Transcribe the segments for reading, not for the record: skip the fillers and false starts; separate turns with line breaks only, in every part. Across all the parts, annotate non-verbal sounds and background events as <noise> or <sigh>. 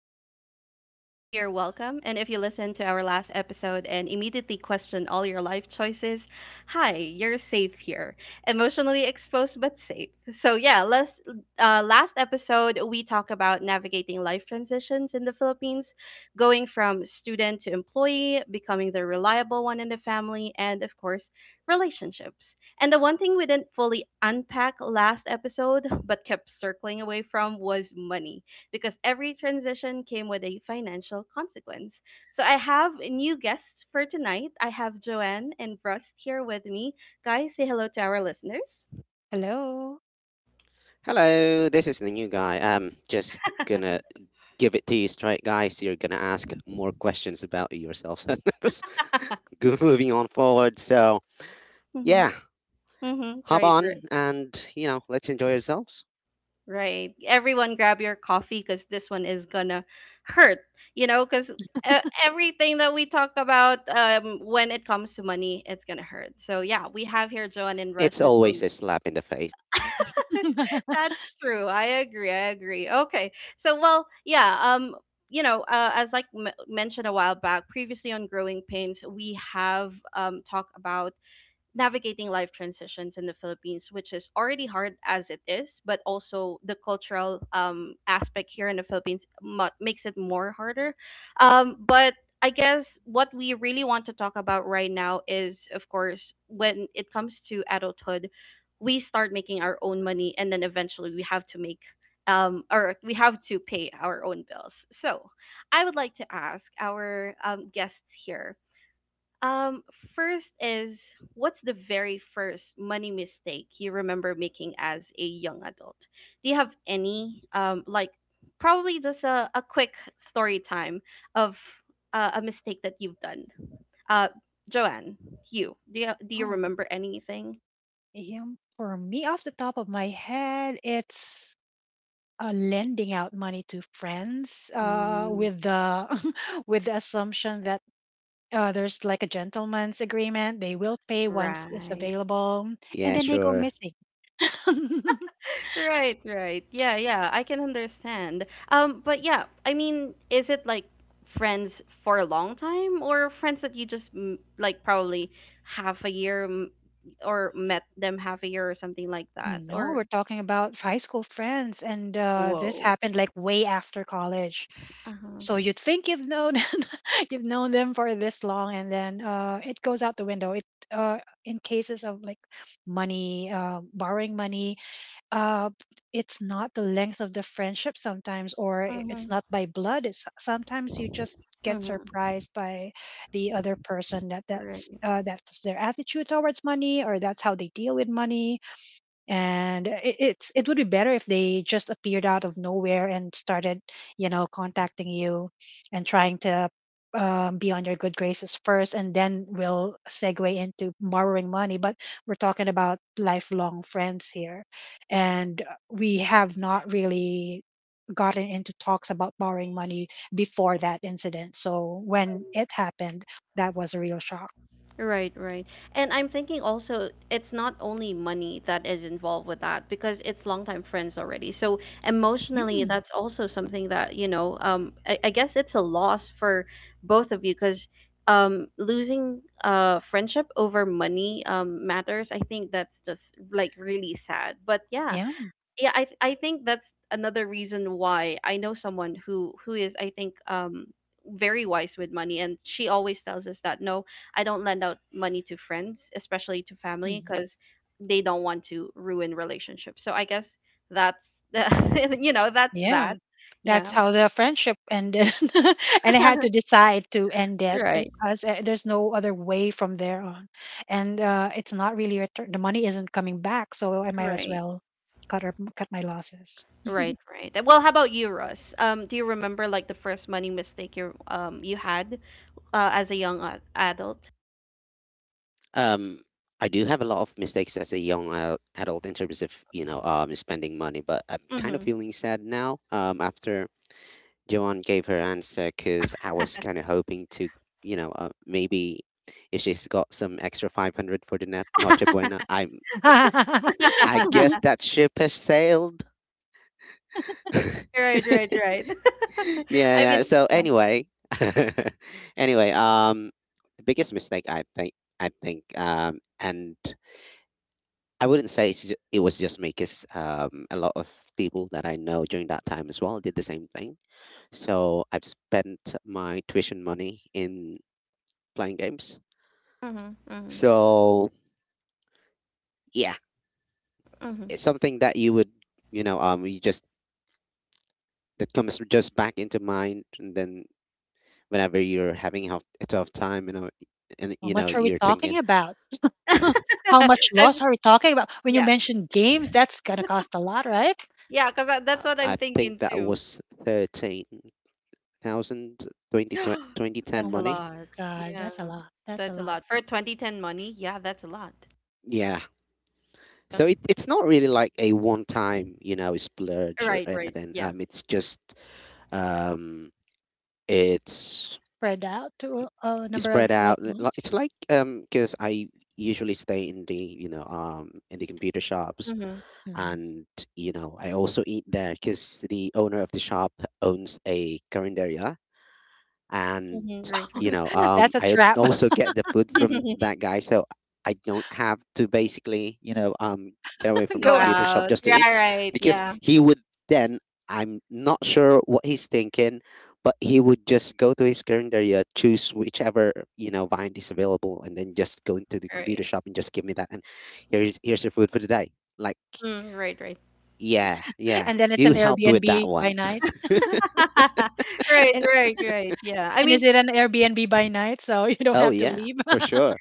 Pains. If you're new here, welcome. And if you listened to our last episode and immediately questioned all your life choices, hi, you're safe here. Emotionally exposed, but safe. So, yeah, last episode, we talked about navigating life transitions in the Philippines, going from student to employee, becoming the reliable one in the family, and of course, relationships. And the one thing we didn't fully unpack last episode, <laughs> but kept circling away from, was money, because every transition came with a financial consequence. So I have new guests for tonight. I have Joanne and Rust here with me. Guys, say hello to our listeners.
Hello, this is the new guy. I'm just gonna give it to you straight, guys. You're gonna ask more questions about yourself. <laughs> Good, moving on forward. So,
Mm-hmm.
yeah,
Mm-hmm.
hop
Right,
on
right.
and let's enjoy ourselves.
Right. Everyone grab your coffee because this one is gonna hurt. You know, because uh, everything that we talk about, when it comes to money, it's gonna hurt. So yeah, we have here Joanne and Russ
It's
who's going.
always a slap in the face.
<laughs> That's true. I agree. I agree. Okay. So well, yeah. You know, as like mentioned a while back, previously on Growing Pains, we have talked about navigating life transitions in the Philippines, which is already hard as it is, but also the cultural aspect here in the Philippines makes it more harder. But I guess what we really want to talk about right now is, of course, when it comes to adulthood, we start making our own money, and then eventually we have to make. Or we have to pay our own bills. So, I would like to ask our guests here, um, first is, what's the very first money mistake you remember making as a young adult? Do you have any? Like probably just a quick story time of a mistake that you've done. Uh, Joanne, you do you do you remember anything? Mm, right.
Yeah, sure.
Right, right. Yeah, yeah, I can understand. But yeah, I mean, is it like friends for a long time or friends that you just like probably half a year m- or met them half a year or something like that? Or whoa. Uh-huh. Mm-hmm. Mm-hmm. Right, right. And I'm thinking also it's not only money that is involved with that because it's longtime friends already. So emotionally, that's also something that, you know, I guess it's a loss for both of you because, losing friendship over money matters. I think that's just like really sad. But yeah, I think that's another reason why I know someone who is, I think, very wise with money, and she always tells us that, no, I don't lend out money to friends, especially to family, because they don't want to ruin relationships. So I guess that's the, <laughs> you know, that's that. Yeah. <laughs> right right, right right. Well, how about you, Russ? Do you remember, like, the first money mistake you, you had as a young adult?
Um, I do have a lot of mistakes as a young adult in terms of, spending money, but I'm kind of feeling sad now, after Joanne gave her answer because I was kind of hoping to, maybe if she's got some extra 500 for the net Noche Buena, I guess that ship has sailed. <laughs> Yeah,
Right, right, right. <laughs> I mean,
yeah. So
yeah.
anyway, <laughs> anyway, the biggest mistake I think, and I wouldn't say it was just me because a lot of people that I know during that time as well did the same thing. So I've spent my tuition money in playing games.
Mhm. Mhm.
So yeah,
Mhm.
it's something that you would you just, that comes just back into mind, and then whenever you're having a tough time, you know, and you know you're thinking,
<laughs> I'm yeah, yeah. Cause that's what I'm
I think
thinking
that
too.
was 13,000 twenty
<gasps>
twenty
That's
ten
a
money.
lot. Yeah, that's a lot for 2010 money. Yeah, that's a lot.
Yeah.
Yeah.
So it's not really like a one time, splurge or
Right, right.
anything.
Yeah.
It's just um, it's spread out. It's like because I usually stay in the computer shops,
Mhm.
and I also eat there because the owner of the shop owns a carinderia, and
Mhm. Right, right.
I would also get the food from
<laughs>
that guy, so I don't have to basically get away from the
Go
computer shop
out.
just to eat,
Yeah, right.
because
Yeah,
he would then, I'm not sure what he's thinking, but he would just go to his calendar, yeah, choose whichever bind is available and then just go into the computer
right.
shop and just give me that and here's your food for the day. Like,
Mm, right, right.
yeah, yeah, you helped with that one. <laughs>
<laughs> right, right, right. Yeah. I mean,
Oh yeah, for sure.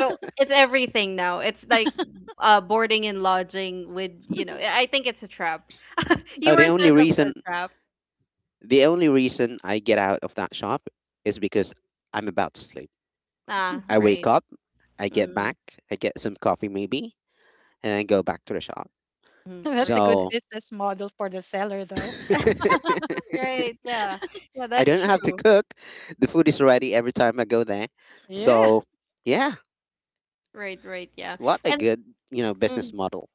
so, it's everything now. It's like, boarding and lodging with, you know, I think it's a trap. <laughs> You
Oh,
were
the only
set up for a
reason
trap.
The only reason I get out of that shop is because I'm about to sleep.
Ah,
I wake
right.
up, I get
Mm,
back, I get some coffee maybe, and then go back to the shop.
mhm. Right,
So
right.
<laughs>
<laughs> Right, yeah. Yeah,
I
that's
don't have to
true.
cook. The food is ready every time I go there. So yeah,
Right, right, yeah,
what a
and
good, business
mhm.
model.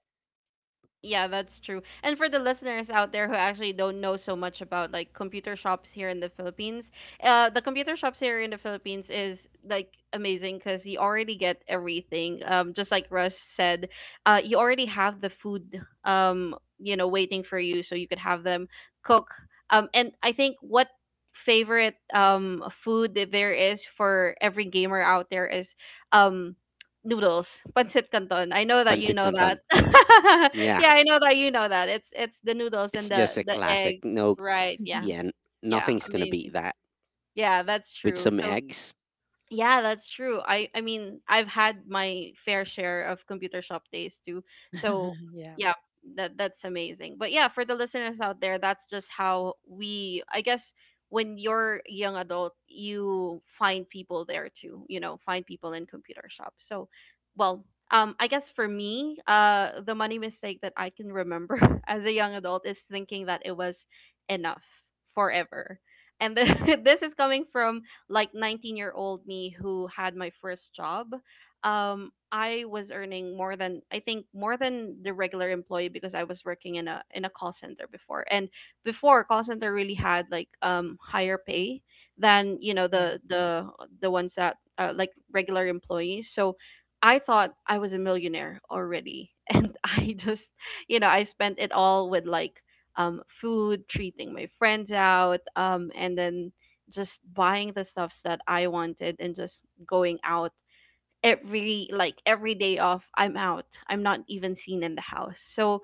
Yeah, that's true. And for the listeners out there who actually don't know so much about, like, computer shops here in the Philippines, the computer shops here in the Philippines is like amazing because you already get everything. Just like Russ said, you already have the food, you know, waiting for you, so you could have them cook. And I think what favorite food that there is for every gamer out there is um noodles, pancit canton. I know that you
Pancit
know that.
Canton.
<laughs>
Yeah.
Yeah, I know that you know that. It's the noodles
It's
and the
just a
the
classic.
egg,
No,
right? Yeah,
yeah,
yeah,
nothing's gonna
amazing.
beat that.
Yeah, that's
With
true.
some
So
eggs,
yeah, that's true. I mean, I've had my fair share of computer shop days too. So, yeah, that that's amazing. But yeah, for the listeners out there, that's just how we, I guess, when you're a young adult, you find people there too, you know, find people in computer shop. So, well, I guess for me, the money mistake that I can remember <laughs> as a young adult is thinking that it was enough forever. And then <laughs> this is coming from like 19-year-old me who had my first job. I was earning more than, I think more than the regular employee, because I was working in a call center before, and before call center really had like higher pay than, you know, the ones that, like regular employees. So I thought I was a millionaire already, <laughs> and I just, you know, I spent it all with like, food, treating my friends out, and then just buying the stuffs that I wanted and just going out every day off. I'm out, I'm not even seen in the house. So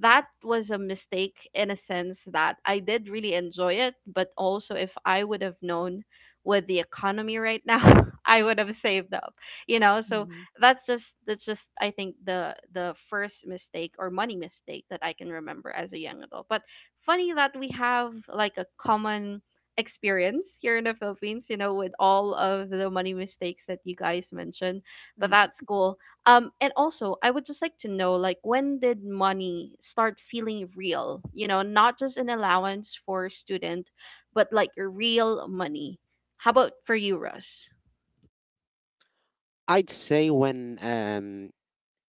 that was a mistake in a sense that I did really enjoy it, but also if I would have known with the economy right now, <laughs> I would have saved up, you know. So that's just I think the first mistake or money mistake that I can remember as a young adult. But funny that we have like a common experience here in the Philippines, you know, with all of the money mistakes that you guys mentioned. But that's cool. And also, I would just like to know, like, when did money start feeling real? You know, not just an allowance for a student, but like real money. How about for you, Russ?
I'd say when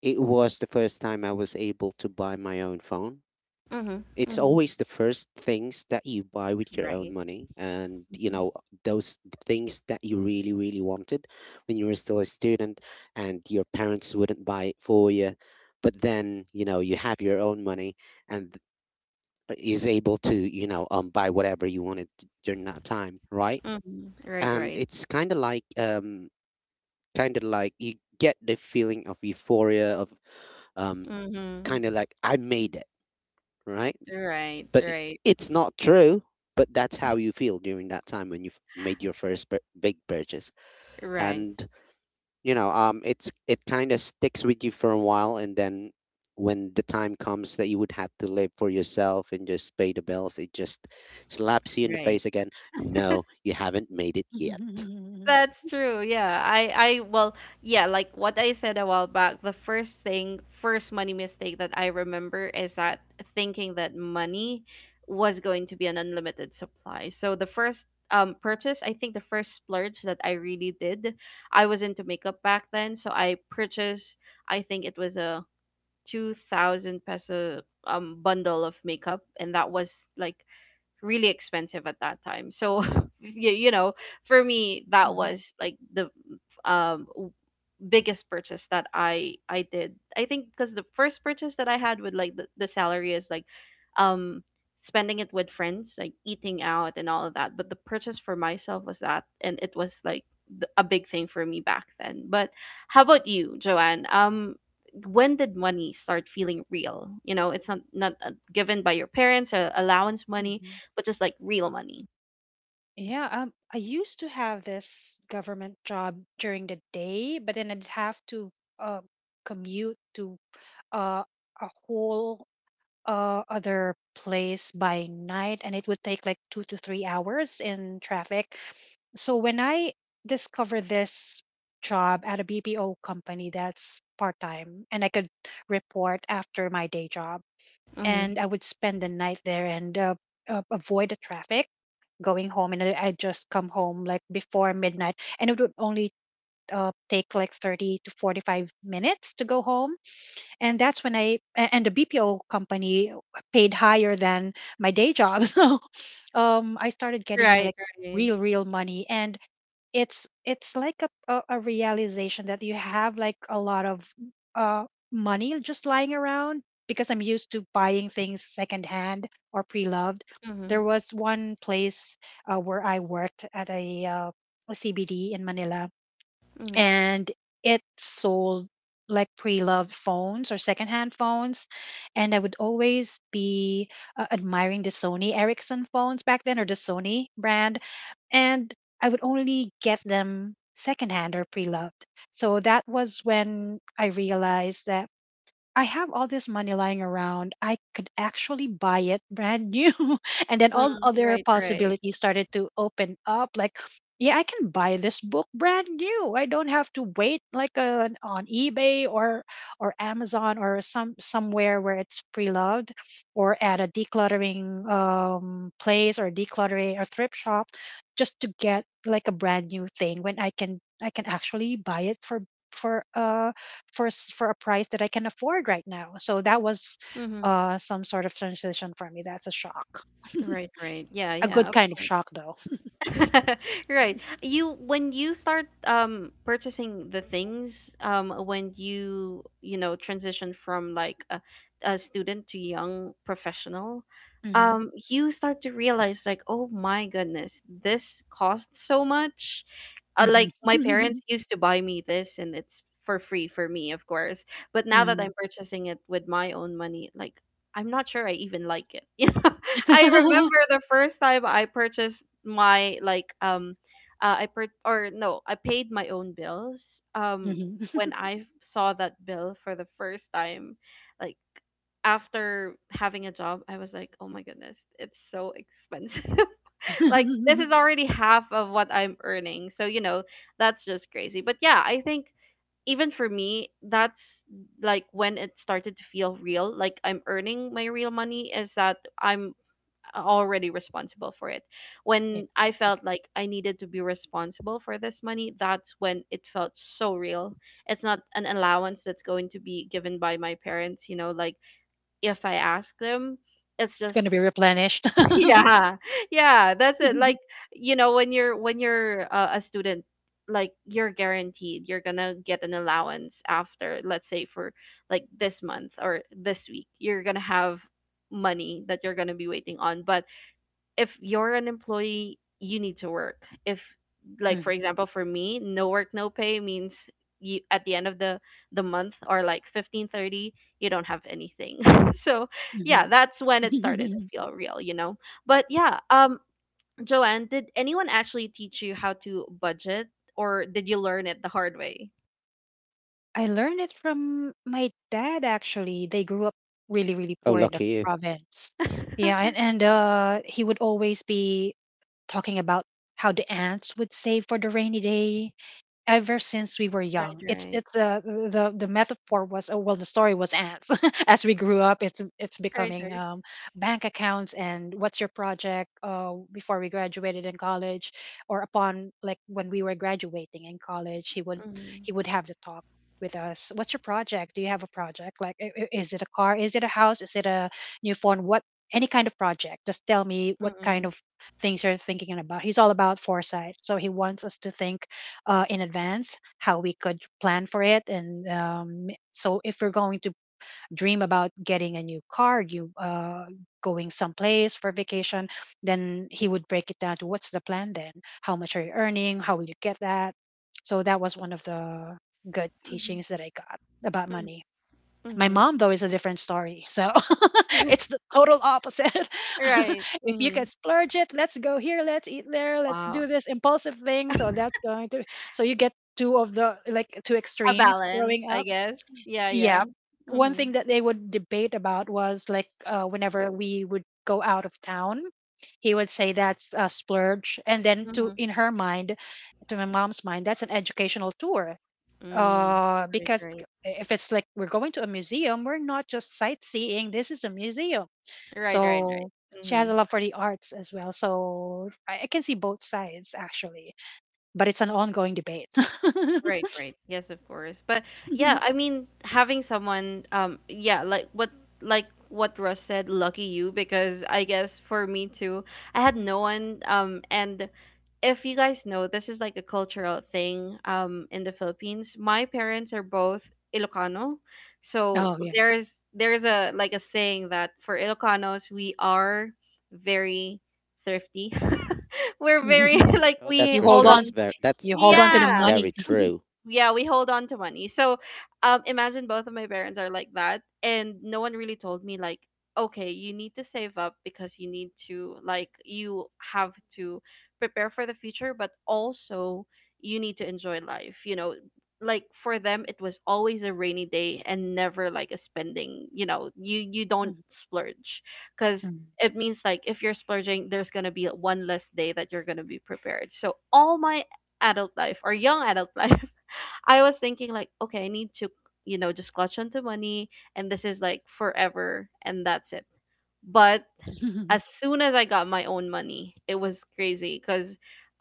it was the first time I was able to buy my own phone.
Mm-hmm.
It's
Mm-hmm.
always the first things that you buy with your own
Right.
money, and
Mm-hmm.
those things that you really, really wanted when you were still a student, and your parents wouldn't buy it for you. But then you have your own money and is able to buy whatever you wanted during that time, right?
Mm-hmm. Right.
And
Right.
it's kind of like you get the feeling of euphoria of um kind of
Mm-hmm.
like, I made it, right?
Right.
But it,
Right.
it's not true, but that's how you feel during that time when you've made your first big purchase,
Right.
and it's, it kind of sticks with you for a while, and then when the time comes that you would have to live for yourself and just pay the bills, it just slaps you in the
Right.
face again. No, you haven't made it yet.
That's true. Yeah. I well, yeah, like what I said a while back, the first thing, first money mistake that I remember is that thinking that money was going to be an unlimited supply. So the first purchase, I think the first splurge that I really did, I was into makeup back then, so I purchased, I think it was a 2,000 peso bundle of makeup, and that was like really expensive at that time. So <laughs> you know, for me that was like the um w- biggest purchase that I did. I think because the first purchase that I had with like the salary is like um spending it with friends, like eating out and all of that. But the purchase for myself was that, and it was like a big thing for me back then. But how about you, Joanne? When did money start feeling real? You know, it's not given by your parents, allowance money, but just like real money. Mm-hmm. Right, right. Mm-hmm. Mm-hmm. Mm, right, right. Mm-hmm. Right, right. Yeah, yeah, of course. <laughs> Right. You, when you start purchasing the things when you know, transition from like a student to young professional, you start to realize, like, oh my goodness, this costs so much. Like my parents used to buy me this and it's for free for me, of course, but now that I'm purchasing it with my own money, like, I'm not sure I even like it. <laughs> You know, I remember the first time I purchased my like I per- or no I paid my own bills, um when I saw that bill for the first time, like, after having a job, I was like, oh my goodness, it's so <laughs> expensive, like this is already half of what I'm earning. So, you know, that's just crazy. But yeah, I think even for me, that's like when it started to feel real, like I'm earning my real money, is that I'm already responsible for it. When I felt like I needed to be responsible for this money, that's when it felt so real. It's not an allowance that's going to be given by my parents, you know, like if I ask them, it's just, <laughs> yeah, yeah, that's it. Like, you know, when you're a student, like you're guaranteed you're gonna get an allowance after, let's say, for like this month or this week, you're gonna have money that you're gonna be waiting on. But if you're an employee, you need to work. If like for example for me, no work no pay means you at the end of the month or like 15:30, you don't have anything. <laughs> So, yeah, that's when it started to feel real, But yeah, Joanne, did anyone actually teach you how to budget or did you learn it the hard way?
Oh, lucky you.
<laughs> Right, right. Right, right. Mm-hmm. Mm-hmm. Mm-hmm. Mm-hmm. <laughs> Right. Mm-hmm. Wow. A balance, I guess. Yeah, yeah. Mhm. Mhm. Mm. Right, right. Right, right, right. Mhm. Right, right. Yes, of course. But yeah, I mean, having someone, yeah, like what Russ said, lucky you, because I guess for me too, I had no one. And if you guys know, this is like a cultural thing. In the Philippines, my parents are both Ilocano, so there's a like a saying that for Ilocanos we are very thrifty. <laughs> We're very <laughs> like
Oh, that's
we
for
hold
sure.
on.
It's very that's that thing is
Yeah
very true.
yeah, we hold on to money. So, imagine both of my parents are like that, and no one really told me like, okay, you need to save up because you need to like you have to prepare for the future, but also you need to enjoy life. You know, like for them, it was always a rainy day and never like a spending. You know, you don't splurge because. It means like if you're splurging, there's gonna be one less day that you're gonna be prepared. So all my adult life or young adult <laughs> life I was thinking like, okay, I need to, you know, just clutch onto money and this is like forever and that's it. But as soon as I got my own money, it was crazy because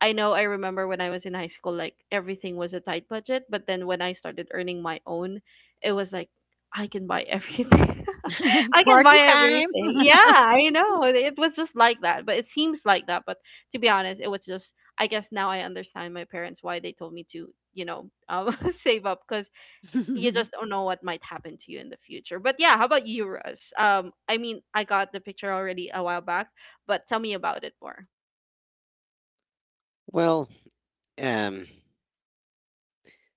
I know I remember when I was in high school, like everything was a tight budget. But then when I started earning my own, it was like I can buy everything. <laughs> I can buy everything. Yeah, I know. It was just like that. But it seems like that. But to be honest, it was just, I guess now I understand my parents why they told me to, you know, um, <laughs> save up because you just don't know what might happen to you in the future. But yeah, how about you, Russ? I mean, I got the picture already a while back, but tell me about it more.
Well, um,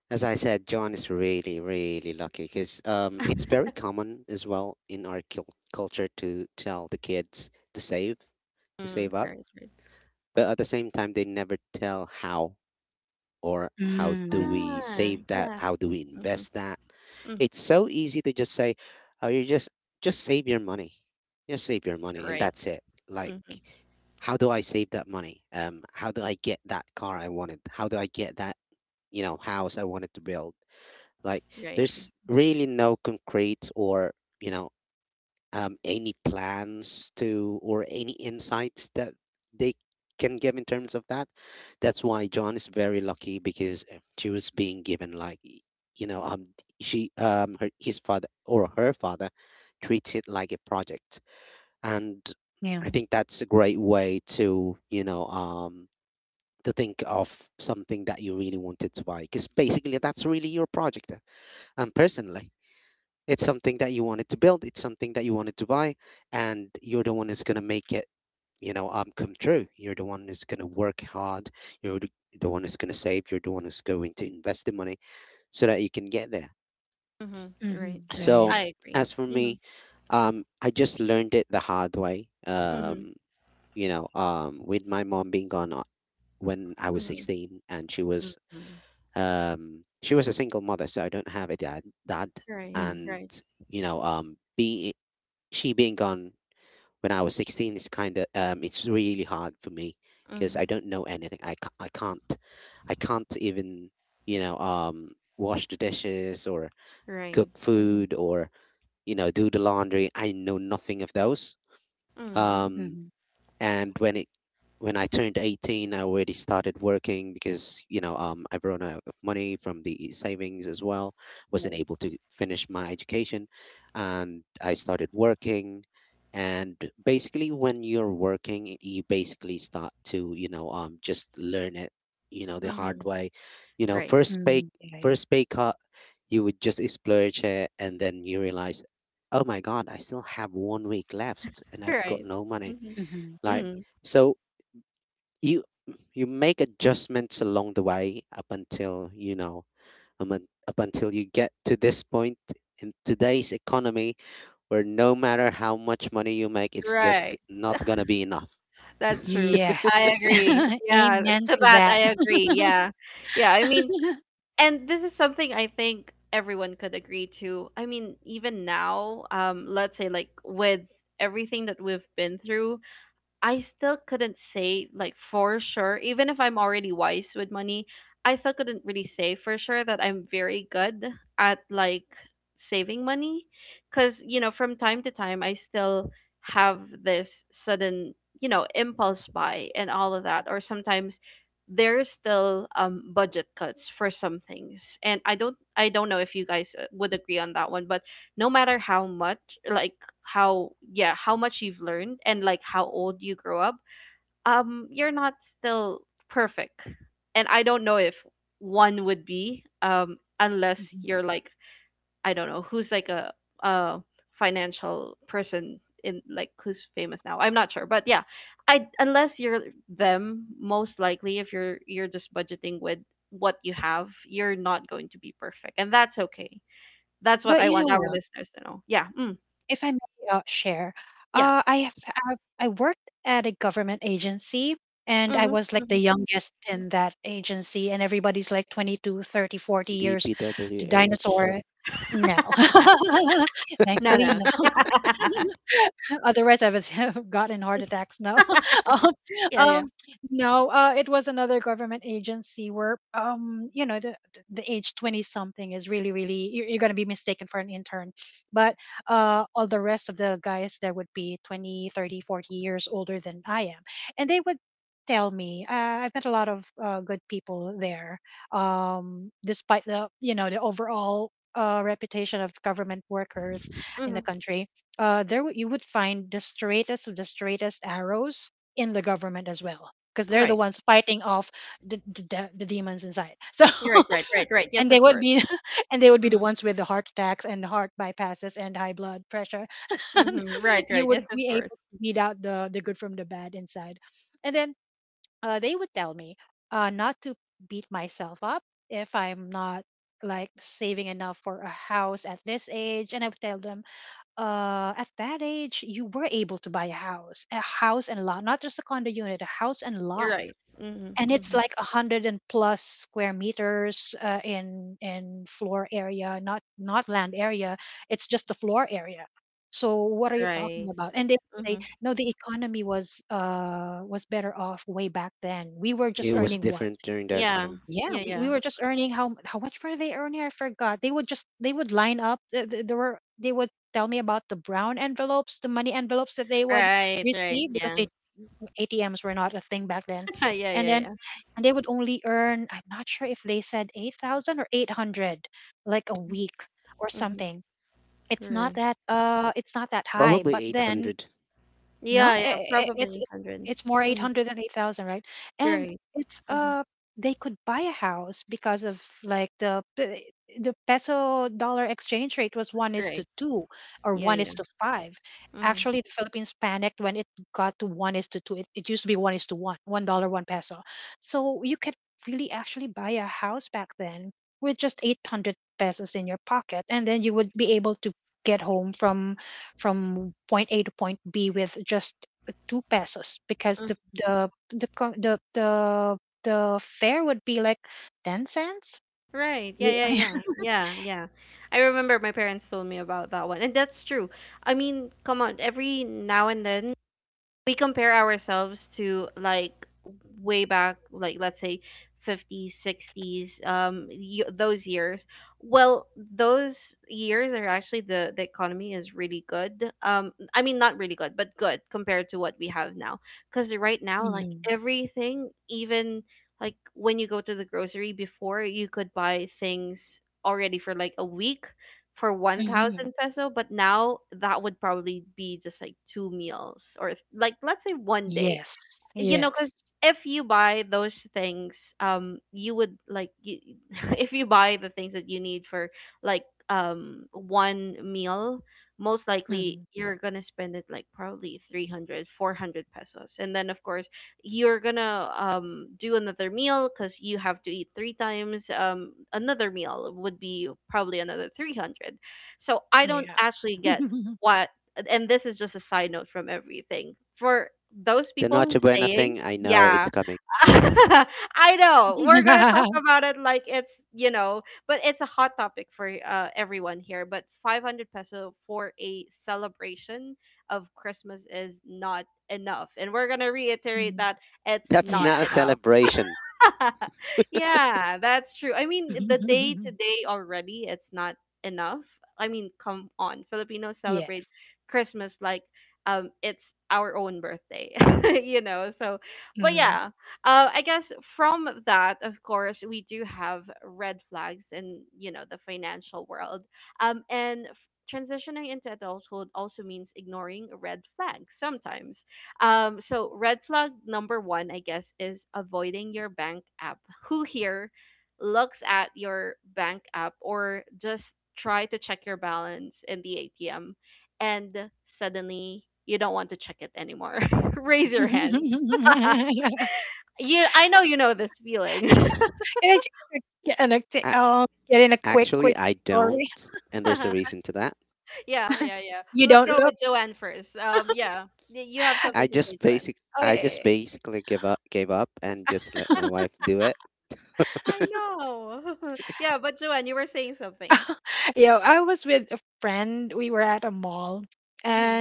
as I said, John is really, really lucky because it's very common as well in our culture to tell the kids to save,
Mm,
up,
right.
but at the same time, they never tell how, or how do we
Ah,
save that?
yeah.
How do we
Mhm.
invest that?
Mm,
It's so easy to just say, "Oh, you just save your money, just save your money, and
right.
that's it." Like,
Mm,
how do I save that money? How do I get that car I wanted? How do I get that house I wanted to build? Like,
right.
there's really no concrete or you know any plans to, or any insights that they can give in terms of that. That's why John is very lucky because she was being given like you know um she her, his father or her father, treats it like a project, and I think that's a great way to to think of something that you really wanted to buy, because basically that's really your project, personally. It's something that you wanted to build. It's something that you wanted to buy, and you're the one who's gonna make it, come true. You're the one who's gonna work hard. You're the one who's gonna save. You're the one who's going to invest the money so that you can get there.
Mhm. Right. Right.
So
I agree.
as for
Mhm.
me, I just learned it the hard way.
Mhm.
With my mom being gone when I was
Mhm.
16, and she
Mm-hmm.
was um she was a single mother, so I don't have a dad,
Right,
and
right,
you know be she being gone when I was 16, it's kind of it's really hard for me because I
Mhm.
don't know anything. I can't even wash the dishes or cook
right, Mhm.
food or do the laundry. I know nothing of those.
Mhm.
Um, and when I turned 18, I already started working because I've run out of money from the savings as well. Wasn't
right,
able to finish my education, and I started working. And basically, when you're working, you basically start to just learn it, the hard
Mhm.
way. You know,
right.
first pay cut, you would just splurge it, and then you realize, oh my god, I still have one week left, and I've got
Right.
no money.
Mhm.
Like,
Mhm.
so you you make adjustments along the way up until up until you get to this point in today's economy where no matter how much money you make, it's just
Right.
not gonna be enough.
That's true.
<laughs>
I agree. Yeah, <laughs> to that I agree. Yeah. Yeah, I mean, and this is something I think everyone could agree to. I mean, even now, let's say like with everything that we've been through, I still couldn't say like for sure, even if I'm already wise with money, I still couldn't really say for sure that I'm very good at like saving money cuz you know from time to time I still have this sudden, you know, impulse buy and all of that or sometimes there's still budget cuts for some things and I don't know if you guys would agree on that one. But no matter how much like how yeah how much you've learned and like how old you grow up, um, you're not still perfect. And I don't know if one would be, um, unless you're like, I don't know, who's like a financial person in like who's famous now, I'm not sure. But yeah, I unless you're them, most likely if you're just budgeting with what you have, you're not going to be perfect and that's okay. That's what I want our listeners to know. Yeah. Yeah. Hmm.
DPWH.
No, no. <laughs> Yeah, yeah. Mhm. Right. Right, right, right, right. Yes, of course. Mhm. Mhm. Right, right. Yes, of course. You're right. Mhm. Mhm. Right. Mhm.
It
Yeah.
was different during their
Yeah.
time.
Yeah, yeah. Right, right. Yeah. <laughs> Yeah, yeah, yeah. Mhm. Right.
Probably 800.
Yeah, yeah. Probably 800. Mhm. Right. Mhm. Right. Yeah, yeah. Mhm. Mm. Right. Yeah, yeah, yeah. Yeah, yeah. I remember my parents told me about that one. And that's true. I mean, come on, every now and then we compare ourselves to like way back, like let's say 50s, 60s, um, y- those years. Well, those years are actually the economy is really good. Um, I mean not really good but good compared to what we have now, because right now like everything, even like when you go to the grocery before, you could buy things already for like a week for 1000 peso. But now that would probably be just like two meals or if- like let's say one day, you know, because if you buy those things, um, you would like you, <laughs> if you buy the things that you need for like one meal, most likely you're gonna spend it like probably 300, 400 pesos. And then of course you're gonna do another meal because you have to eat three times. Um, another meal would be probably another 300. So I don't actually get what, and this is just a side note from everything, for those
The
people who's
noche buena
saying,
thing, I know
yeah,
it's coming.
<laughs> I know we're gonna talk about it like it's, you know, but it's a hot topic for everyone here. But 500 peso for a celebration of Christmas is not enough, and we're gonna reiterate that it's
That's
not
not a
enough.
celebration.
<laughs> Yeah, that's true. I mean, eh, the day to day already, it's not enough. I mean, come on. Filipinos celebrate Christmas like it's our own birthday, <laughs> you know. So, but yeah, I guess from that, of course, we do have red flags in you know the financial world. And f- transitioning into adulthood also means ignoring red flags sometimes. So red flag number one, I guess, is avoiding your bank app. Who here looks at your bank app or just try to check your balance in the ATM and suddenly you don't want to check it anymore? <laughs> Raise your hands. You, I know you know this feeling.
A actually I don't, and
<laughs>
there's a
Yeah,
reason to that.
yeah, yeah. Let's go with Joanne first. Yeah, Y- you have something
I
to say,
just
Joanne.
basic I just basically give up gave up and just let my wife do it.
<laughs> I know. <laughs> Yeah, but Joanne, you were saying something. Mm-hmm.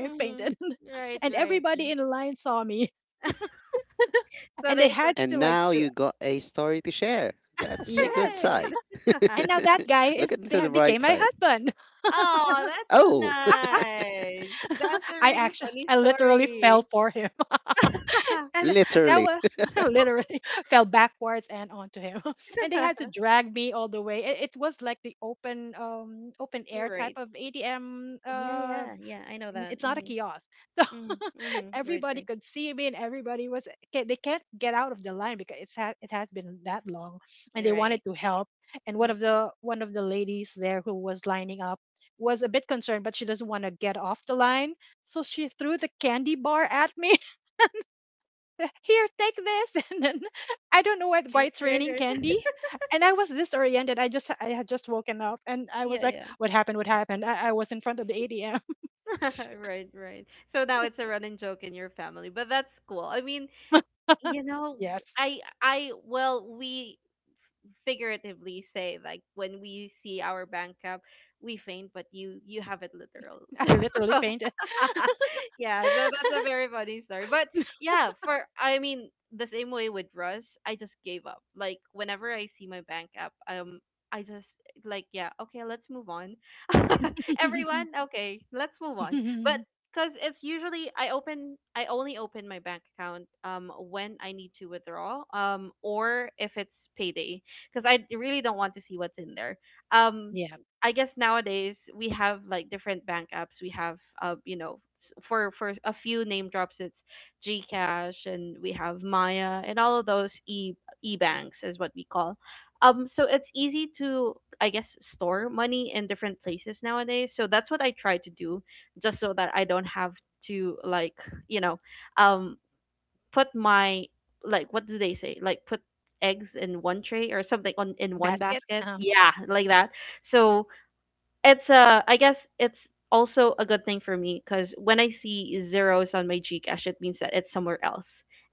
Mm-hmm. Right, right. So they said
And now you got a story to share.
<laughs>
That's a good
Right.
side. <laughs>
<laughs>
Look into the bright side.
Oh, that's so
Oh, <laughs>
nice. That's a really funny story. <laughs>
literally.
You're right. Yeah, yeah, yeah. I know that. Mhm. Mhm. Mhm. Right, right. You're right. Mhm. Right, right, right. <laughs> Yeah, yeah. <laughs> Right, right. So now it's a running joke in your family, but that's cool. I mean, you know, I well, we figuratively say like when we see our bank account, we faint, but you have it literal. <laughs> So <laughs> yeah, so that's a very funny story. But yeah, for I mean the same way with Russ, I just gave up. Like whenever I see my bank app, I just like yeah, okay, let's move on. <laughs> Everyone, okay, let's move on. But because it's usually I open, I only open my bank account when I need to withdraw or if it's payday, because I really don't want to see what's in there. Um, I guess nowadays we have like different bank apps. We have you know s- for a few name drops it's Gcash and we have Maya and all of those e e banks is what we call. Um, so it's easy to I guess store money in different places nowadays. So that's what I try to do just so that I don't have to like, you know, um put my like what do they say? Like put eggs in one tray or something on in one basket. Yeah, like that. So it's I guess it's also a good thing for me because when I see zeros on my Gcash, it means that it's somewhere else,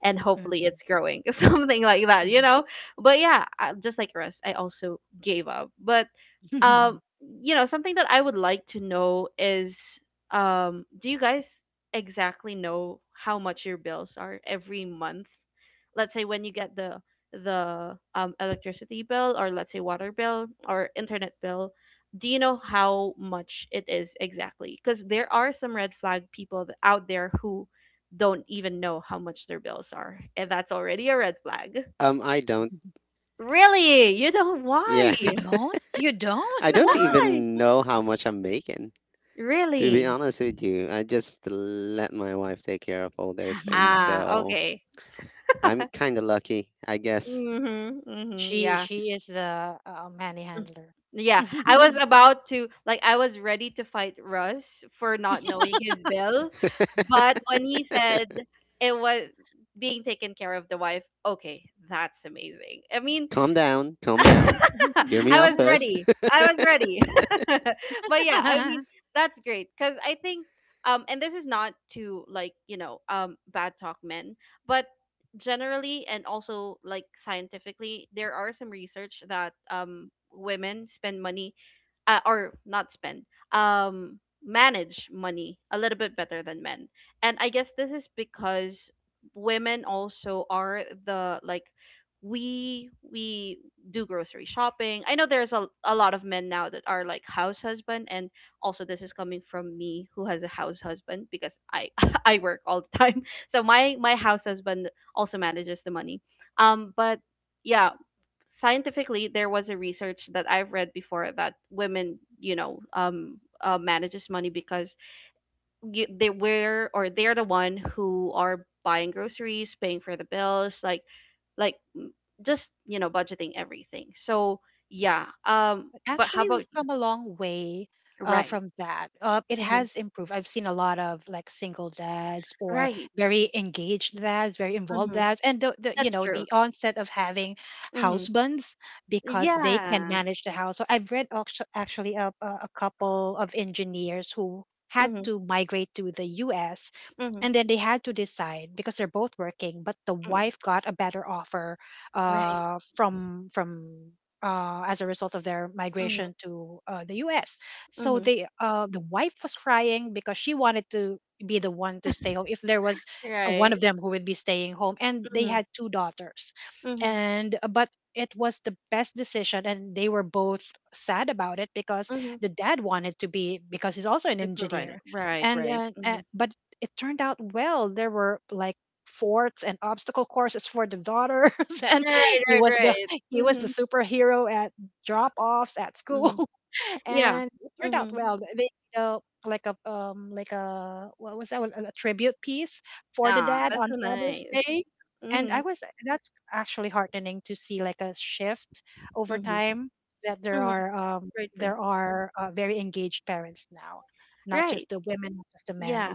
and hopefully it's growing, <laughs> something like that, you know. But yeah, I- just like Russ, I also gave up. But um, you know, something that I would like to know is do you guys exactly know how much your bills are every month? Let's say when you get the electricity bill or let's say water bill or internet bill, do you know how much it is exactly? Because there are some red flag people th- out there who don't even know how much their bills are, and that's already a red flag.
I don't.
Really? You know why?
Yeah, <laughs> I don't
Why?
even know how much I'm making. To be
Really?
honest with you, I just let my wife take care of all those things.
Ah,
So
okay.
I'm
<laughs>
kind of lucky, I guess.
Mhm. Mhm. Yeah. Mm. Yeah, I was about to like I was ready to fight Russ for not knowing his bill, but
<laughs>
when he said it was being taken care of the wife, okay, that's amazing. I mean,
Calm down, calm down.
<laughs>
Hear me
I
out
was
first.
ready. I was ready. <laughs> But yeah, I mean, that's great cuz I think and this is not to like bad talk men, but generally and also like scientifically, there are some research that women spend money or not spend um manage money a little bit better than men. And I guess this is because women also are the like we do grocery shopping. I know there's a lot of men now that are like house husband, and also this is coming from me who has a house husband because I <laughs> I work all the time. So my house husband also manages the money, but yeah, scientifically there was a research that I've read before that women manages money because they were or they're the one who are buying groceries, paying for the bills, like m- just you know budgeting everything. So yeah, but how about you? Right. Mm-hmm. Right. Mm-hmm. That's true. Mm-hmm. Yeah. Mm-hmm. Mm-hmm. Mm-hmm. Right. Mm-hmm. Mm-hmm. Right. Mm-hmm. Mm-hmm. The provider. Right, right. mm Mhm. Right, right, right. mm Mhm. mm Mhm. Yeah. mm Mhm. Ah, that's so nice. Mhm. mm Mhm. mm Mhm. Right, right. Right. Yeah.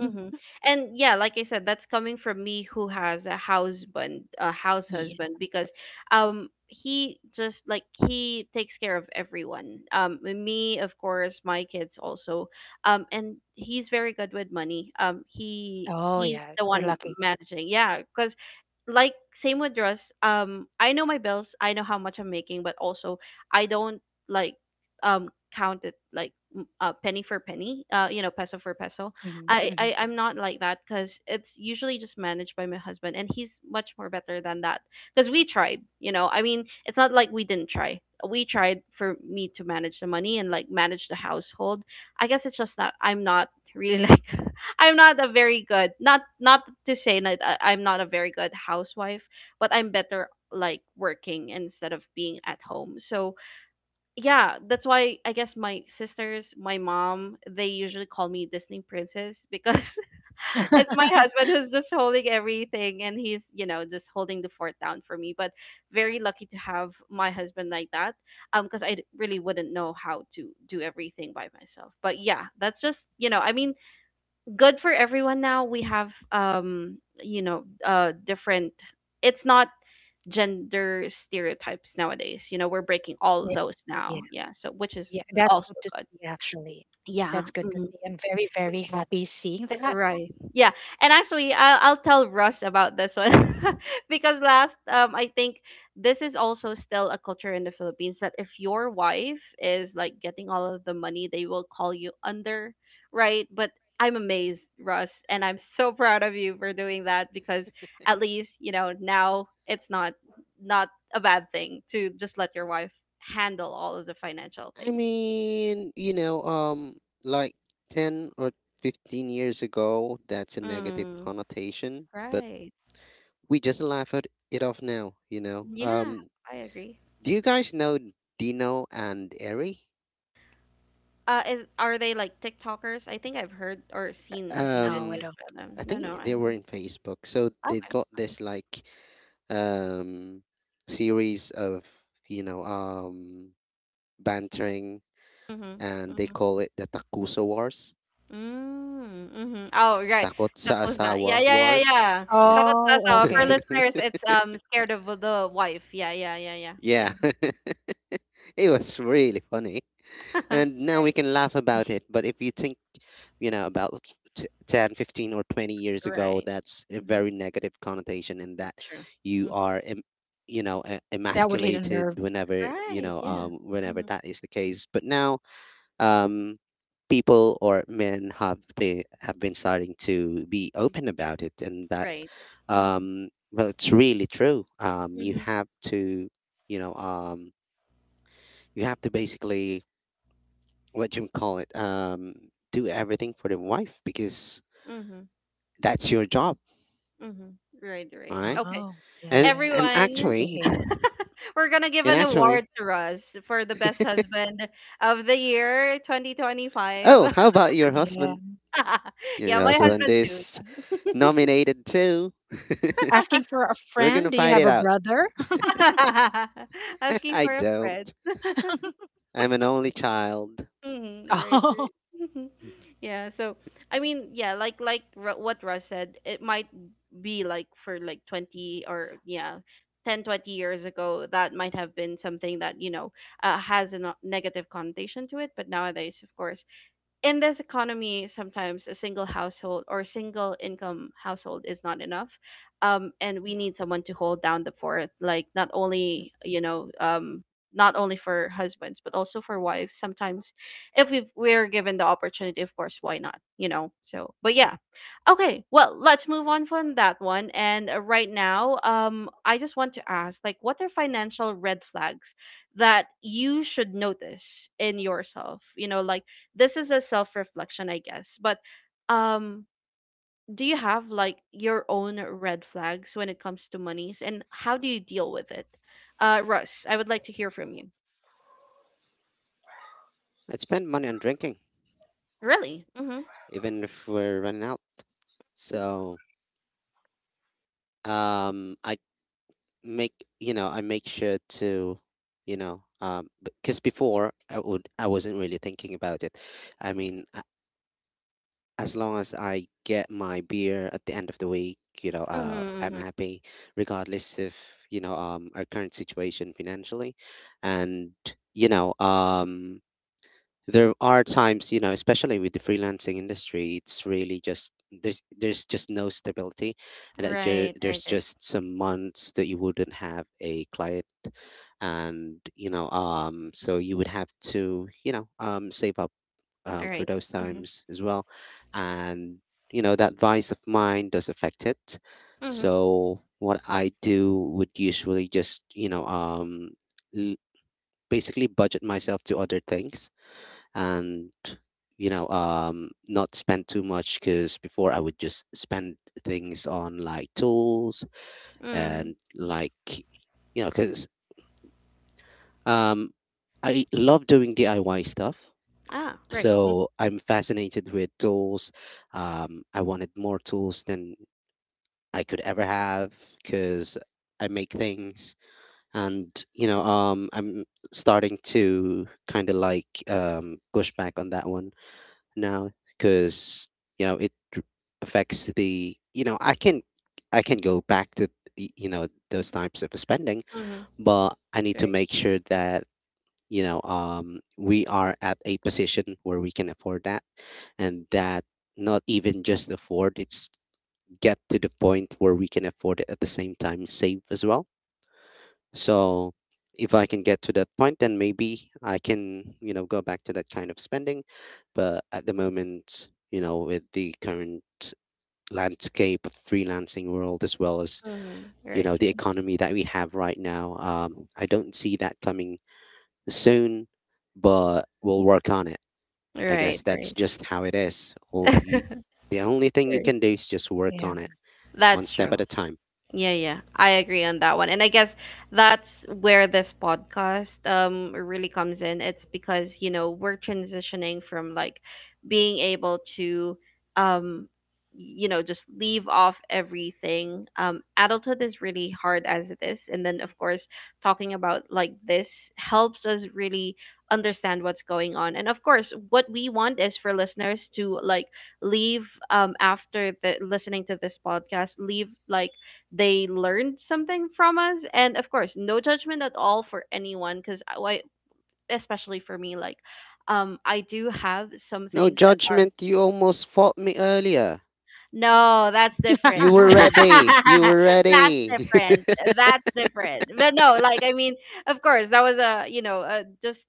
Mm-hmm. And yeah, like I said, that's coming from me who has a husband, a house husband, because he just like he takes care of everyone. Me, of course, my kids also. And he's very good with money. He's the one managing. Yeah, because like, same with Russ, I know my bills, I know how much I'm making, but also I don't like, um count it like penny for penny, you know, peso for peso. I'm not like that because it's usually just managed by my husband, and he's much more better than that. Because we tried, you know. I mean, it's not like we didn't try. We tried for me to manage the money and like manage the household. I guess it's just that I'm not really <laughs> like, I'm not a very good, not to say that I'm not a very good housewife, but I'm better like working instead of being at home. So yeah, that's why I guess my sisters, my mom, they usually call me Disney princess because <laughs> it's my husband who's just holding everything and he's, you know, just holding the fort down for me. But very lucky to have my husband like that. Because really wouldn't know how to do everything by myself. But yeah, that's just, you know, I mean, good for everyone now. We have you know different. It's not gender stereotypes nowadays. You know we're breaking all of those now. Yeah, so which is also good. Yeah. Mm-hmm. Right. Yeah. And actually, I'll tell Russ about this one <laughs> because last, I think this is also still a culture in the Philippines that if your wife is like getting all of the money, they will call you under, right? But I'm amazed, Russ, and I'm so <laughs> proud of you for doing that because at least, you know, now it's not, not a bad thing to just let your wife handle all of the financial
<laughs> I
things.
mean, like 10 or 15 years ago, that's a negative
Mm,
connotation, but
right.
we just laugh at it off now.
Yeah, I agree.
Do you guys know Dino and Eri?
Are they like TikTokers? I think I've heard or seen a few videos
Um,
about them.
I
No, no,
think
I
they were
haven't.
in Facebook. So they've got
Okay.
this um series of, you know, um bantering,
Mhm.
and they
Mhm.
call it the Takuso Wars.
Mm, mhm. Oh, right.
Takot sa
Takosa. Yeah,
asawa
yeah, yeah,
wars.
yeah.
Yeah.
Takosa. So for
<laughs>
listeners, it's scared of the wife. Yeah, yeah, yeah, yeah, yeah.
Yeah. <laughs> It was really funny.
<laughs> right.
And now we can laugh about it. But if you think, about 10, 15, or 20 years ago,
Right.
that's a
Mhm.
very negative connotation, and
It's
that
true.
you
Mhm.
are. Emasculated whenever
Right. Yeah.
whenever
Mhm.
that is the case, but now, um, people or men have been, starting to be open about it, and that,
Right. Mhm.
well, it's really true. You
Mhm.
have to, you know, um, you have to basically, what do you call it, do everything for the wife because
Mhm.
that's your job,
Mhm. Right. Right.
right?
Okay.
And and
Everyone.
actually,
We're gonna give
and
an <laughs> award
actually,
to Russ for the best husband of the year 2025.
oh, how about your husband?
<laughs>
Your
Yeah, my
husband
husband too.
is nominated too. <laughs> We're gonna fight it out.
<laughs>
<laughs>
Asking
I
for a friend.
don't.
<laughs>
I'm an only child.
Mhm, right, right. <laughs> yeah, so I mean, yeah, what Russ said, it might be like for like 20 or yeah, 10, 20 years ago that might have been something that, you know, has a negative connotation to it, but nowadays, of course, in this economy, sometimes a single household or single income household is not enough. And we need someone to hold down the fort, like not only, you know, not only for husbands, but also for wives. Sometimes, if we're given the opportunity, of course, why not? You know. So, but yeah, okay. Well, let's move on from that one. And right now, I just want to ask, like, what are financial red flags that you should notice in yourself? You know, like this is a self reflection, I guess. But um, do you have like your own red flags when it comes to monies, and how do you deal with it? Russ, I would like to hear from you.
I spend money on drinking,
Really? Mm-hmm.
even if we're running out. So um, I I make sure to because before I wasn't really thinking about it. I mean, as long as I get my beer at the end of the week,
Mm-hmm.
I'm
Mm-hmm.
happy, regardless of our current situation financially, and you know um there are times, especially with the freelancing industry. It's really just there's just no stability, and
Right. Right.
there's
Right.
just some months that you wouldn't have a client, and so you would have to, save up
All
for
right.
those
Mm-hmm.
times as well, and that vice of mine does affect it.
Mm-hmm.
So what I do would usually just, l- basically budget myself to other things and not spend too much, because before I would just spend things on like tools
Mm.
and like, because um I love doing diy stuff.
Ah. Right.
So I'm fascinated with tools. I wanted more tools than I could ever have, because I make things. And I'm starting to kind of like push back on that one now, because you know it dr- affects the I can go back to those types of spending,
Mm-hmm.
but I need to
Right.
make sure that we are at a position where we can afford that, and that, not even just afford, it's get to the point where we can afford it at the same time save as well. So if I can get to that point, then maybe I can, go back to that kind of spending. But at the moment, with the current landscape of freelancing world, as well as,
Mm-hmm. Right.
the
Right.
economy that we have right now, I don't see that coming soon, but we'll work on it. I guess
Right.
that's
Right.
just how it is. The only thing you
Right.
can do is just work on it one
That's
step
true.
at a time.
Yeah, yeah. I agree on that one. And I guess that's where this podcast really comes in. It's because, you know, we're transitioning from like being able to um you know, just leave off everything. Adulthood is really hard as it is. And then of course, talking about like this helps us really understand what's going on. And of course, what we want is for listeners to like leave, after the listening to this podcast, leave like they learned something from us. And of course, no judgment at all for anyone because I, especially for me like, I do have some
No
things that are—
judgment, you almost fought me earlier.
no, that's
You
different. <laughs>
were ready. You were ready.
Different
<laughs>
that's different. But no, like I mean, of course that was a, you know, a, just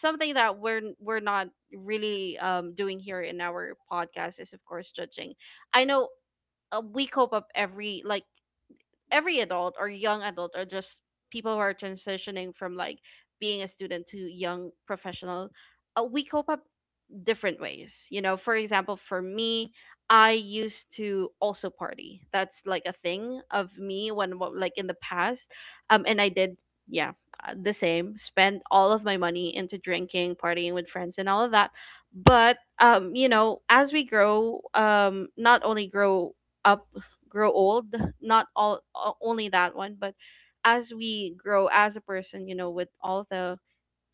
something that we're not really doing here in our podcast is of course judging. I know, we cope up every like, every adult or young adult or just people who are transitioning from like being a student to young professional, we cope up different ways. You know, for example, for me, I used to also party. That's like a thing of me when like in the past. And I did, yeah, the same, spend all of my money into drinking, partying with friends and all of that. But you know, as we grow, not only grow up, grow old, not all o- only that one, but as we grow as a person, you know, with all the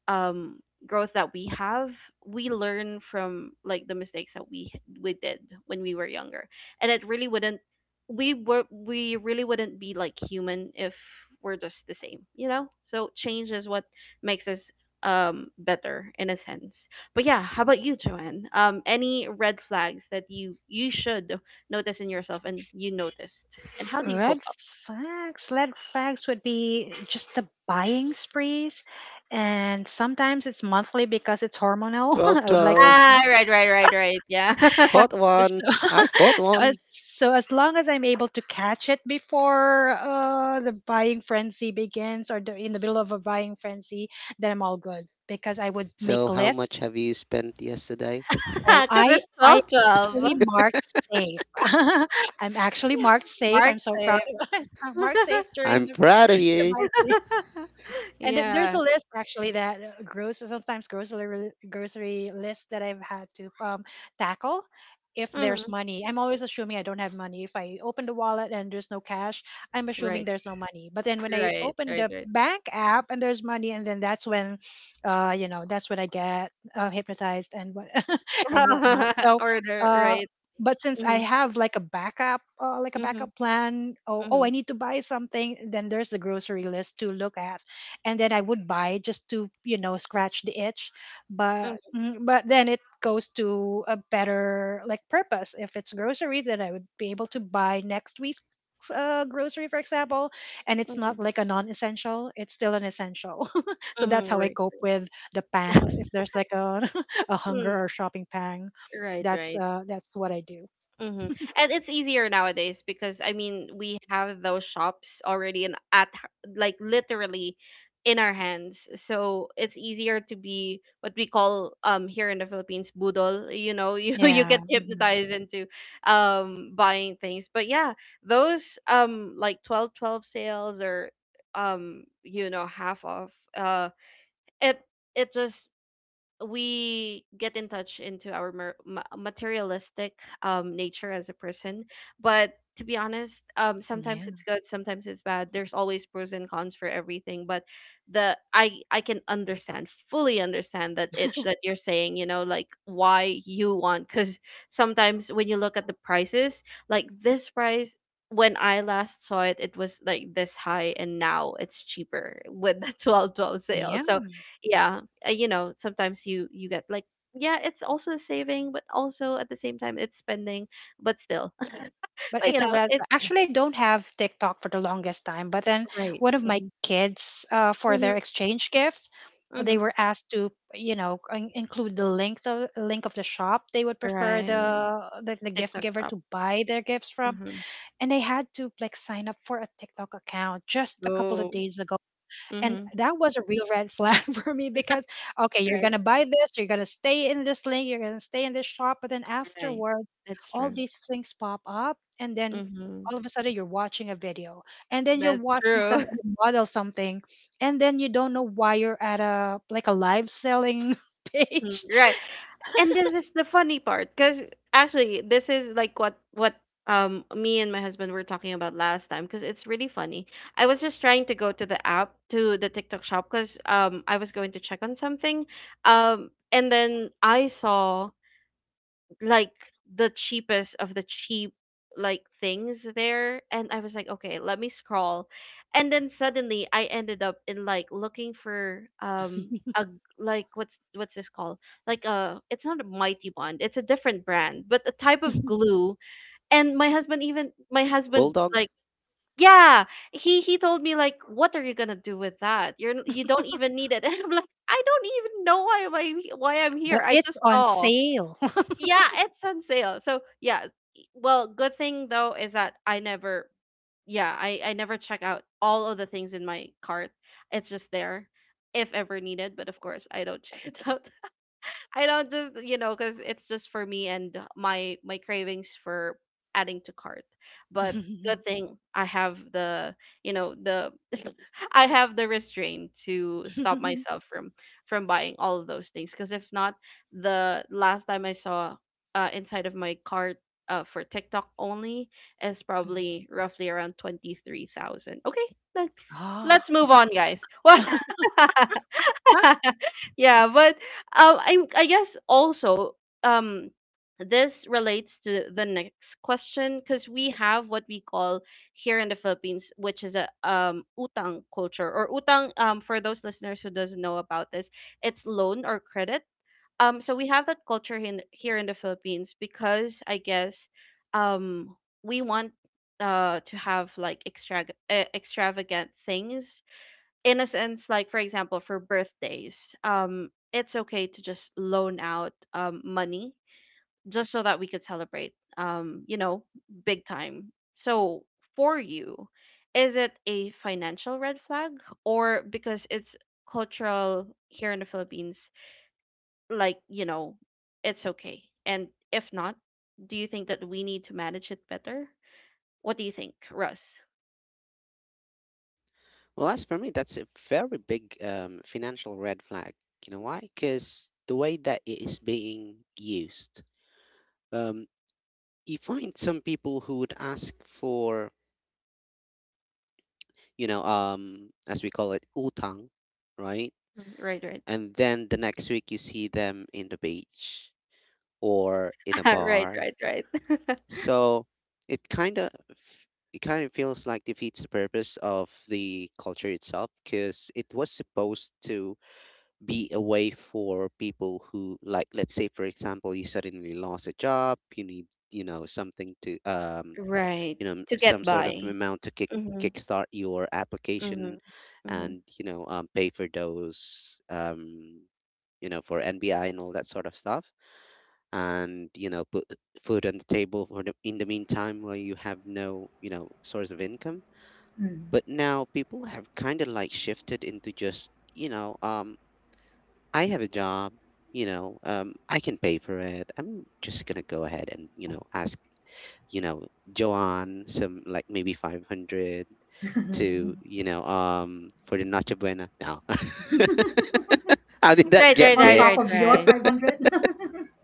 um growth that we have, we learn from like the mistakes that we did when we were younger. And it really wouldn't— we really wouldn't be like human if we're just the same, you know. So change is what makes us better in a sense. But yeah, how about you, Joanne? Any red flags that you should notice in yourself and you noticed, and how do you cope up?
12.12.
Ah right right right right yeah.
Caught
<laughs>
one. I caught one. So, how much have you spent yesterday?
Because it's 12, 12. Yeah. MagSafe. <laughs>
I'm proud of you.
Yeah. Hmm. Right. Right. Right. Right. <laughs> Order. Right. Mm-hmm. Mm-hmm. Mm-hmm. Mm-hmm. Mm-hmm. Mm-hmm. Right. Right. Mm. Right. Right. Mm-hmm. And it's easier nowadays because I mean we have those shops already and at like literally in our hands. So it's easier to be what we call, here in the Philippines, budol. You know, you <laughs> you get hypnotized into buying things. But yeah, those like 12 12 sales or you know half off uh it it just— we get in touch into our materialistic nature as a person. But to be honest, sometimes it's good, sometimes it's bad, there's always pros and cons for everything. But the I I can understand, fully understand that itch that you're saying, you know, like why you want, because sometimes when you look at the prices, like this price, when I last saw it, it was like this high, and now it's cheaper with the <laughs> 12 12 sale. So yeah, you know, sometimes you get like, yeah it's also a saving but also at the same time it's spending, but still <laughs> but you know it's— right, mm-hmm, mm-hmm, mm-hmm. Right. TikTok shop. Mm-hmm. Oh. Mm-hmm. Right. Right. That's true. Mm-hmm. That's true. <laughs> Mm, right. And this is the funny part, because actually, this is like what me and my husband were talking about last time, because it's really funny. I was just trying to go to the app to the TikTok shop, because I was going to check on something, and then I saw like the cheapest of the cheap like things there, and I was like, okay, let me scroll. And then suddenly I ended up in like looking for a g- like what's this called, like a, it's not a mighty bond, it's a different brand but a type of glue. And my husband, even my husband
Bulldog?
like, yeah, he told me like, what are you gonna do with that? You're you don't even need it. <laughs> And I'm like, I don't even know why am I, why I'm here, I just saw, yeah, it's on sale. So yeah, well, good thing though is that I never, yeah, I never check out all of the things in my cart. It's just there if ever needed, but of course I don't check it out. <laughs> I don't, just you know, because it's just for me and my cravings for adding to cart. But good thing I have the, you know, the, I have the restraint to stop myself from buying all of those things, because if not, the last time I saw inside of my cart for TikTok only is probably roughly around 23,000. Okay, let, let's move on, guys. <laughs> What? <laughs> Yeah, but I guess also, um, this relates to the next question because we have what we call here in the Philippines, which is a utang culture or utang. For those listeners who doesn't know about this, it's loan or credit. So we have that culture in, here in the Philippines, because I guess um we want to have like extra extravagant things in a sense, like for example, for birthdays, it's okay to just loan out money just so that we could celebrate, you know, big time. So for you, is it a financial red flag, or because it's cultural here in the Philippines, like, you know, it's okay? And if not, do you think that we need to manage it better? What do you think, Russ?
Well, as for me, that's a very big financial red flag. You know why? Because the way that it is being used, um, you find some people who would ask for, as we call it, utang, right?
Mhm. Right, right.
And then the next week you see them in the beach or in a
<laughs> Right,
bar.
right, right. <laughs>
So it kind of it kind of feels like defeats the purpose of the culture itself, because it was supposed to be a way for people who, like, let's say, for example, you suddenly lost a job, you need something to,
Right. To
some
get
sort of
by.
amount to
Mhm.
kickstart your application,
Mhm. Mhm.
and pay for those, for NBI and all that sort of stuff, and put food on the table in the meantime, where you have no source of income.
Mm.
But now people have kind of like shifted into just, I have a job, I can pay for it. I'm just gonna go ahead and, ask, you know, Joanne, some like maybe 500 to,
<laughs>
for the Noche Buena. No, <laughs> how did that
Right, right,
get
On
right,
there?
top
right,
of your
right.
500? <laughs>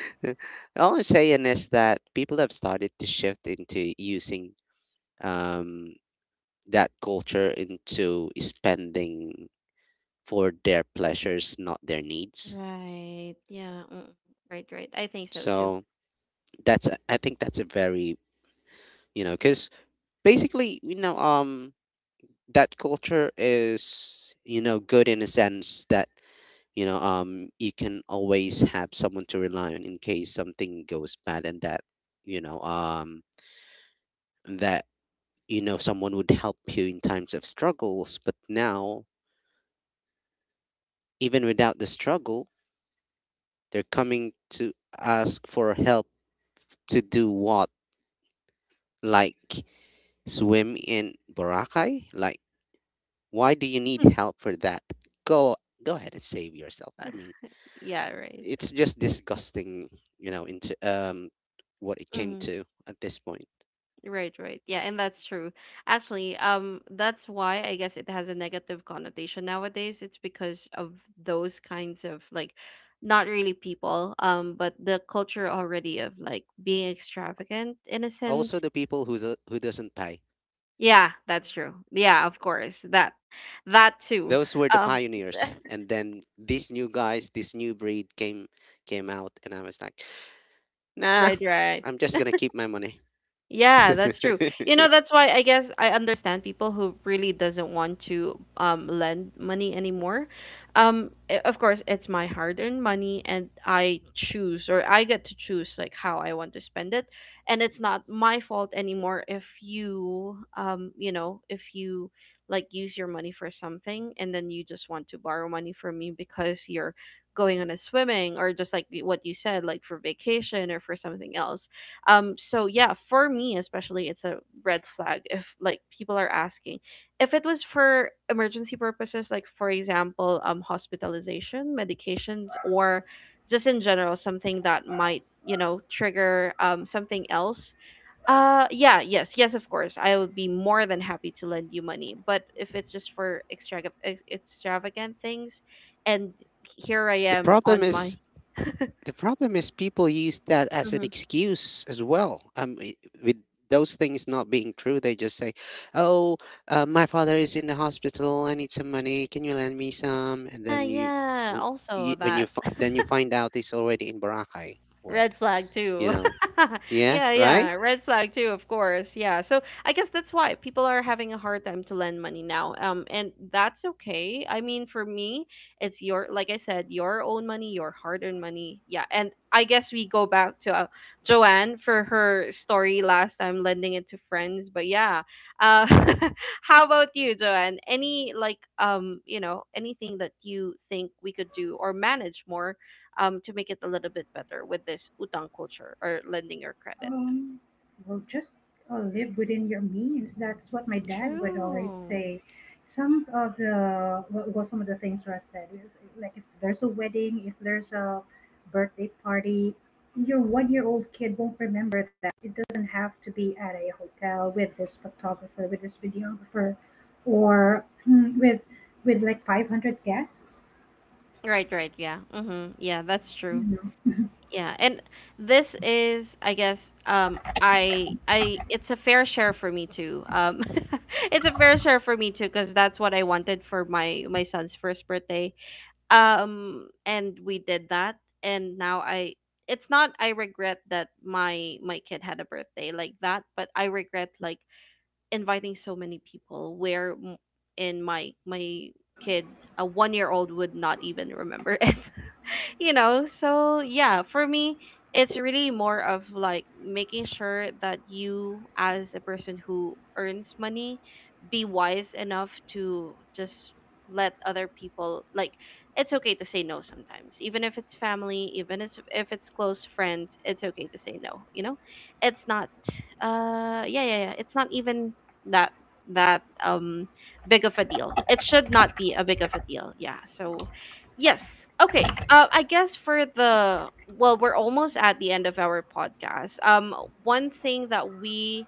<laughs> All I'm saying is that people have started to shift into using, um, that culture, into spending for their pleasures, not their needs.
Right. Yeah. Mm. Right, right. I think so too.
So that's, I think that's a very, because basically, that culture is, good in a sense that, you can always have someone to rely on in case something goes bad, and that, you know, um, that someone would help you in times of struggles. But now, even without the struggle, they're coming to ask for help to do what, like swim in Boracay, like. Why do you need
<laughs>
help for that? Go go ahead and save yourself. I mean,
Yeah, right.
it's just disgusting, into what it came
Hmm.
to at this point.
Right, right. Yeah, and that's true. Actually, that's why I guess it has a negative connotation nowadays. It's because of those kinds of like, not really people, but the culture already of like being extravagant in a sense.
Also, the people who doesn't pay.
Yeah, that's true. Yeah, of course. That too.
Those were the
Um.
pioneers, and then these new guys, this new breed came out, and I was like,
<laughs>
nah,
Right, right.
I'm just gonna keep my money.
Yeah,
<laughs>
that's true. You know, that's why I guess I understand people who really doesn't want to lend money anymore. Of course, it's my hard-earned money, and I choose, or I get to choose like how I want to spend it, and it's not my fault anymore if you you know, if you like use your money for something and then you just want to borrow money from me because you're going on a swimming or just like what you said, like for vacation or for something else. So yeah, for me especially, it's a red flag if like people are asking. If it was for emergency purposes, like for example, hospitalization, medications, or just in general something that might, you know, trigger something else. Yeah, yes, yes, of course, I would be more than happy to lend you money. But if it's just for extra extravagant things, and here I
the
am
problem
on my.
is
<laughs>
The problem is people use that as an
Mhm.
excuse as well. With those things not being true, they just say, "Oh, my father is in the hospital. I need some money. Can you lend me some?" And
Yeah,
then you,
yeah,
r-
also
you when
that.
you fi- then you find out he's already in Boracay, or
Red flag
you
too.
know,
<laughs>
yeah,
Yeah, yeah,
right.
red flag too, of course. Yeah. So I guess that's why people are having a hard time to lend money now. And that's okay. I mean, for me, it's your, like I said, your own money, your hard-earned money. Yeah. And I guess we go back to Joanne for her story last time lending it to friends, but yeah. Uh. <laughs> How about you, Joanne? Any like you know, anything that you think we could do or manage more to make it a little bit better with this utang culture or lending your credit.
Um, well, just live within your means. That's what my dad would always
True.
say. Some of the things Russ said is like, if there's a wedding, if there's a birthday party, your one-year-old kid won't remember that. It doesn't have to be at a hotel with this photographer, with this videographer, or <clears throat> with like 500 guests.
Right, right, yeah. Mm-hmm. Yeah, that's true. Yeah. And this is I guess I it's a fair share for me too. Um. <laughs> It's a fair share for me too, cuz that's what I wanted for my son's first birthday. And we did that, and now I, it's not I regret that my kid had a birthday like that, but I regret like inviting so many people where in my kid, a 1-year old would not even remember <laughs> it. <laughs> You know, so yeah, for me, it's really more of like making sure that you, as a person who earns money, be wise enough to just let other people like, it's okay to say no sometimes, even if it's family, even if it's close friends, it's okay to say no, you know. It's not, yeah, yeah, yeah, it's not even that, that um big of a deal. It should not be a big of a deal, yeah, so. Yes. Okay. I guess for the, well, we're almost at the end of our podcast. One thing that we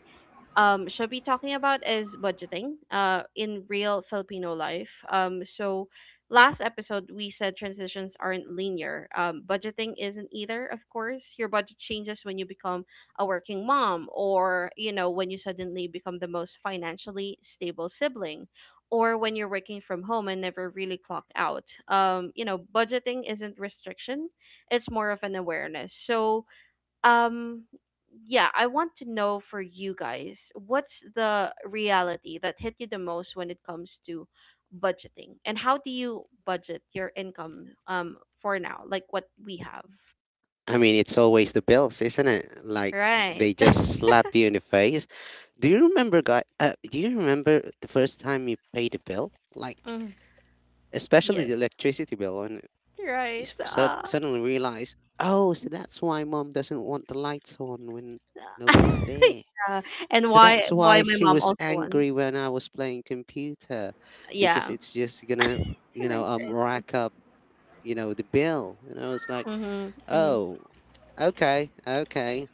shall be talking about is budgeting in real Filipino life. So, last episode, we said transitions aren't linear. Budgeting isn't either, of course. Your budget changes when you become a working mom, or, you know, when you suddenly become the most financially stable sibling. Or when you're working from home and never really clock out. You know, budgeting isn't restriction, it's more of an awareness. So, um yeah, I want to know, for you guys, what's the reality that hit you the most when it comes to budgeting, and how do you budget your income, for now, like what we have.
I mean, it's always the bills, isn't it? Like,
Right.
they just slap you in the face. Do you remember, guy? Do you remember the first time you paid a bill? Like,
Mm.
especially
<laughs> Yes.
the electricity bill. You
Right. Uh.
suddenly realize, oh, so that's why mom doesn't want the lights on when nobody's
<laughs>
there.
Yeah. And
So that's
why
why
my
she
mom
was
also wants,
angry when I was playing computer,
yeah,
because it's just gonna,
right, right.
rack up, the bill. You know, it's like,
Mhm. Mhm.
oh, okay, okay,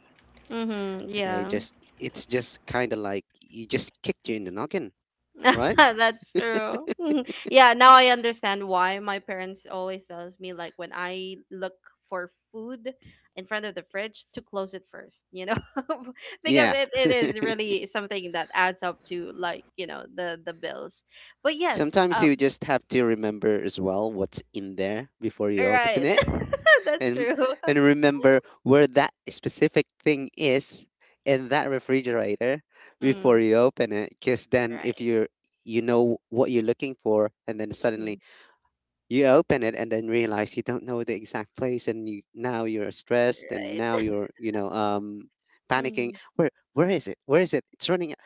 Mhm.
okay.
Yeah.
Just it's just kind of like you just kicked you in the noggin,
<laughs>
right?
That's true. <laughs> Yeah, now I understand why my parents always tells me like when I look for food in front of the fridge to close it first, you know? <laughs> Because
Yeah.
it is really something that adds up to like, you know, the bills. But
<laughs>
yes,
Sometimes
um.
you just have to remember as well what's in there before you open
Right.
it,
<laughs> That's
and
true. <laughs>
and remember where that specific thing is in that refrigerator
Mm,
before you open it, because then if
right.
you know what you're looking for, and then
Mm,
suddenly you open it and then realize you don't know the exact place, and you now you're stressed, and now
right.
you're
<laughs>
panicking,
Mm.
where is it, where is it, it's running out.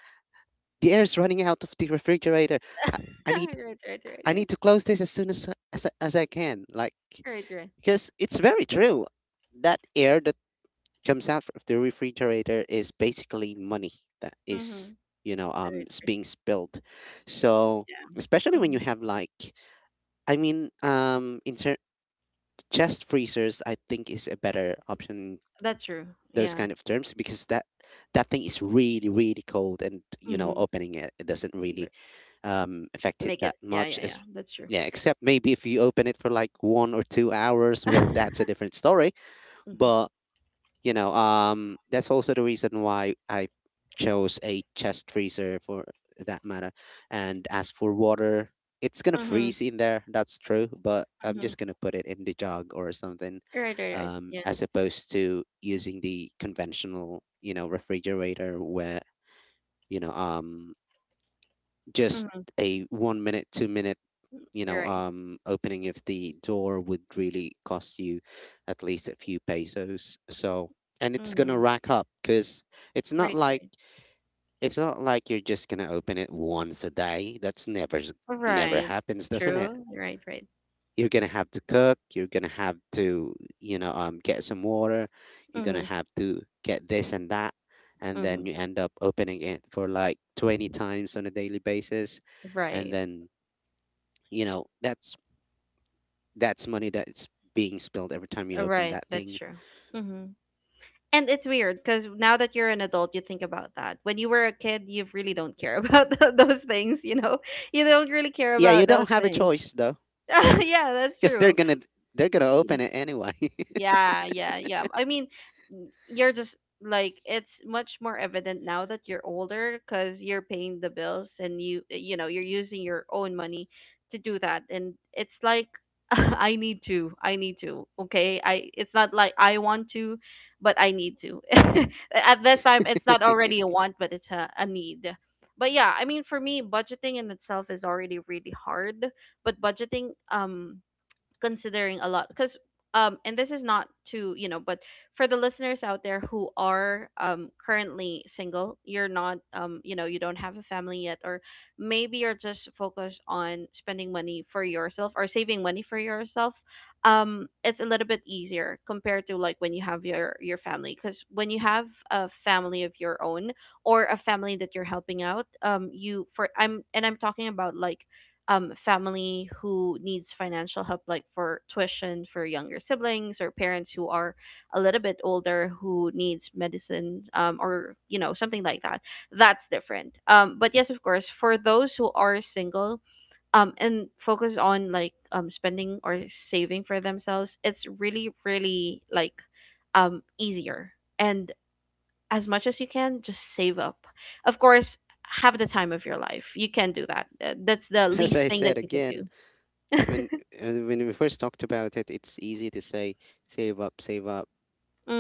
The air is running out of the refrigerator. i,
<laughs>
I need
Right, right, right,
i need
right.
to close this as soon as, I can, like,
Right, right.
because it's very true that air comes out of the refrigerator is basically money that
Mm-hmm.
is
Right, right.
being spilled. So,
Yeah.
especially when you
Mm-hmm.
have like, I mean, chest freezers I think is a better option,
That's true.
those
Yeah.
kind of terms, because that thing is really really cold, and
Mm-hmm.
opening it doesn't really
Right.
affect it
Make
that
it. Yeah,
much
yeah, yeah.
as,
That's true.
yeah, except maybe if you open it for like 1 or 2 hours, well,
<laughs>
that's a different story.
Mhm.
But that's also the reason why I chose a chest freezer for that matter. And as for water, it's gonna
Mhm.
freeze in there, that's true, but I'm
Mhm.
just gonna put it in the jug or something,
Right, right, right. Yeah.
as opposed to using the conventional, refrigerator, where you know um just
Mhm.
a 1 minute 2 minute
Right.
opening if the door would really cost you at least a few pesos. So, and it's gonna
Mhm.
rack up, because it's not
Right,
like
right.
it's not like you're just gonna open it once a day. That's never
Right.
happens, doesn't it?
True. Right, right.
You're gonna have to cook. You're gonna have to, get some water. You're gonna
Mhm.
have to get this and that, and then
Mhm.
you end up opening it for like 20 times on a daily basis, and
Right.
then, you know that's that's money that's being spilled every time you open
Right.
that
That's
thing.
true. Mhm. And it's weird because now that you're an adult, you think about that. When you were a kid, you really don't care about <laughs> those things. You know, you don't really care
Yeah,
about
you
those
don't have a
things.
choice though,
<laughs> Yeah, that's
because they're
true.
gonna they're gonna open it anyway.
Yeah, yeah, yeah. I mean, you're just like, it's much more evident now that you're older because you're paying the bills, and you, you know, you're using your own money to do that, and it's like, <laughs> I need to, okay, I, it's not like I want to, but I need to. <laughs> At this time it's not already
<laughs>
a want, but it's a need. But yeah, I mean, for me, budgeting in itself is already really hard, but budgeting considering a lot, because and this is not to, you know, but for the listeners out there who are currently single, you're not, you know, you don't have a family yet, or maybe you're just focused on spending money for yourself or saving money for yourself, it's a little bit easier compared to like when you have your family, because when you have a family of your own or a family that you're helping out, you for, I'm talking about like family who needs financial help, like for tuition for younger siblings, or parents who are a little bit older who needs medicine, or you know, something like that. That's different. But yes, of course, for those who are single, and focus on like spending or saving for themselves, it's really really like easier, and as much as you can, just save up. Of course, have the time of your life. You can do that. That's the
As
least
I
thing that
said
you could
again,
do.
when
<laughs>
uh, when we first talked about it, it's easy to say save up, save up,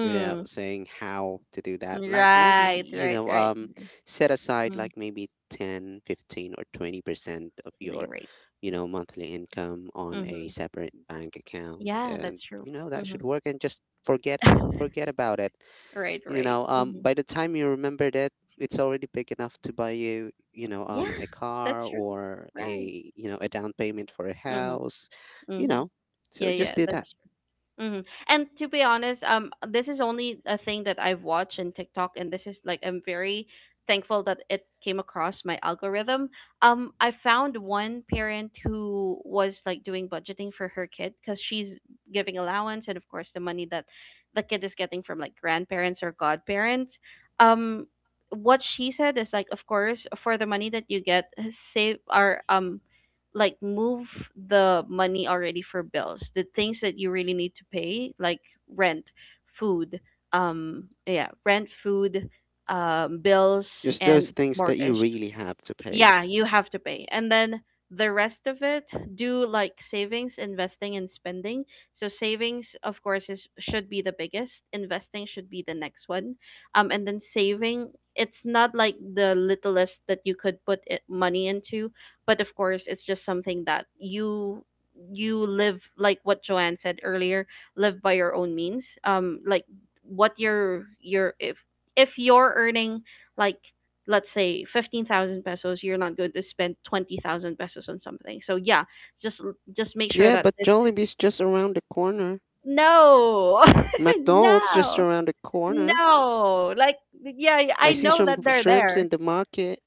without saying how to do that. Like maybe,
Right, right, right.
set aside
Mm.
like maybe 10, 15, or 20% of your
They right.
monthly income on a
Mm-hmm.
separate bank account,
Yeah,
and
that's true.
that
Mm-hmm.
should work. And just forget
<laughs>
forget about it.
Right,
You
right.
know, um,
Mm-hmm.
by the time you remember that, it's already big enough to buy you,
Yeah,
a
that's
car,
true.
or
Right.
a, a down payment for a house,
Mm-hmm.
you
Mm-hmm.
know.
Yeah,
So just
yeah,
do
that's,
that.
hmm. And to be honest, this is only a thing that I've watched in TikTok, and this is like, I'm very thankful that it came across my algorithm. I found one parent who was like doing budgeting for her kid because she's giving allowance, and of course the money that the kid is getting from like grandparents or godparents. Um, what she said is like, of course, for the money that you get, save, or like move the money already for bills, the things that you really need to pay, like rent, food, yeah, rent, food, bills,
Just
and
those things that you
mortgage,
really have to pay.
yeah, you have to pay. And then the rest of it, do like savings, investing, and spending. So savings, of course, is should be the biggest. Investing should be the next one. And then saving, it's not like the littlest that you could put it, money into, but of course, it's just something that you live like what Joanne said earlier, live by your own means. Like what your if you're earning like, let's say 15,000 pesos, you're not going to spend 20,000 pesos on something. So yeah, just make sure
Yeah,
that
but
this,
Jollibee's just around the corner.
no. <laughs>
McDonald's just
No.
around the corner.
No. Like, yeah,
I
I
see
know that
some
they're
shrimps
there.
in the market,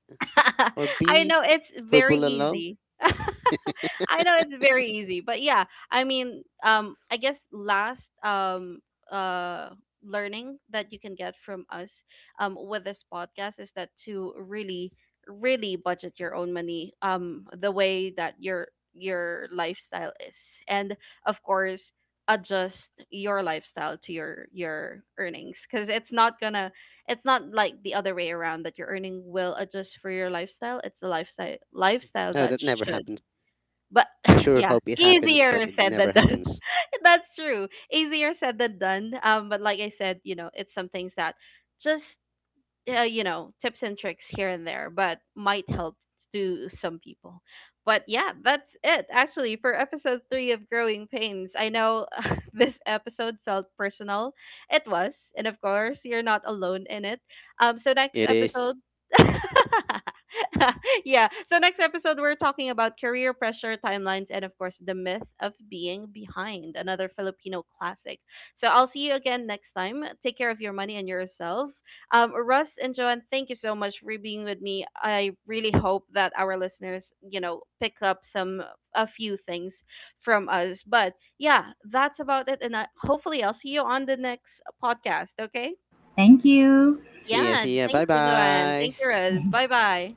or
<laughs> I know
beef
it's
for
very
bulalo.
easy. <laughs> I know it's very easy, but yeah, I mean, I guess last uh learning that you can get from us with this podcast is that to really budget your own money the way that your lifestyle is, and of course adjust your lifestyle to your earnings, because it's not gonna, it's not like the other way around that your earning will adjust for your lifestyle. It's the lifestyle
Oh,
that
that never
should.
happens.
But
I
<laughs>
sure
yeah,
hope it happens, but
easier
it
said than
never
done.
happens.
<laughs> That's true. Easier said than done. But like I said, you know, it's some things that just you know, tips and tricks here and there, but might help to some people. But yeah, that's it actually for episode 3 of Growing Pains. I know, <laughs> this episode felt personal. It was, and of course you're not alone in it. So next
It
episode,
is.
<laughs> <laughs> yeah, so next episode we're talking about career pressure, timelines, and of course the myth of being behind, another Filipino classic. So I'll see you again next time. Take care of your money and yourself. Russ and Joanne, thank you so much for being with me. I really hope that our listeners, you know, pick up some, a few things from us. But yeah, that's about it. And I, hopefully, I'll see you on the next podcast. Okay.
Thank you.
See ya,
Yeah.
see ya.
Thank
Bye
you, Joanne. Thank
bye.
you, Russ. Bye bye.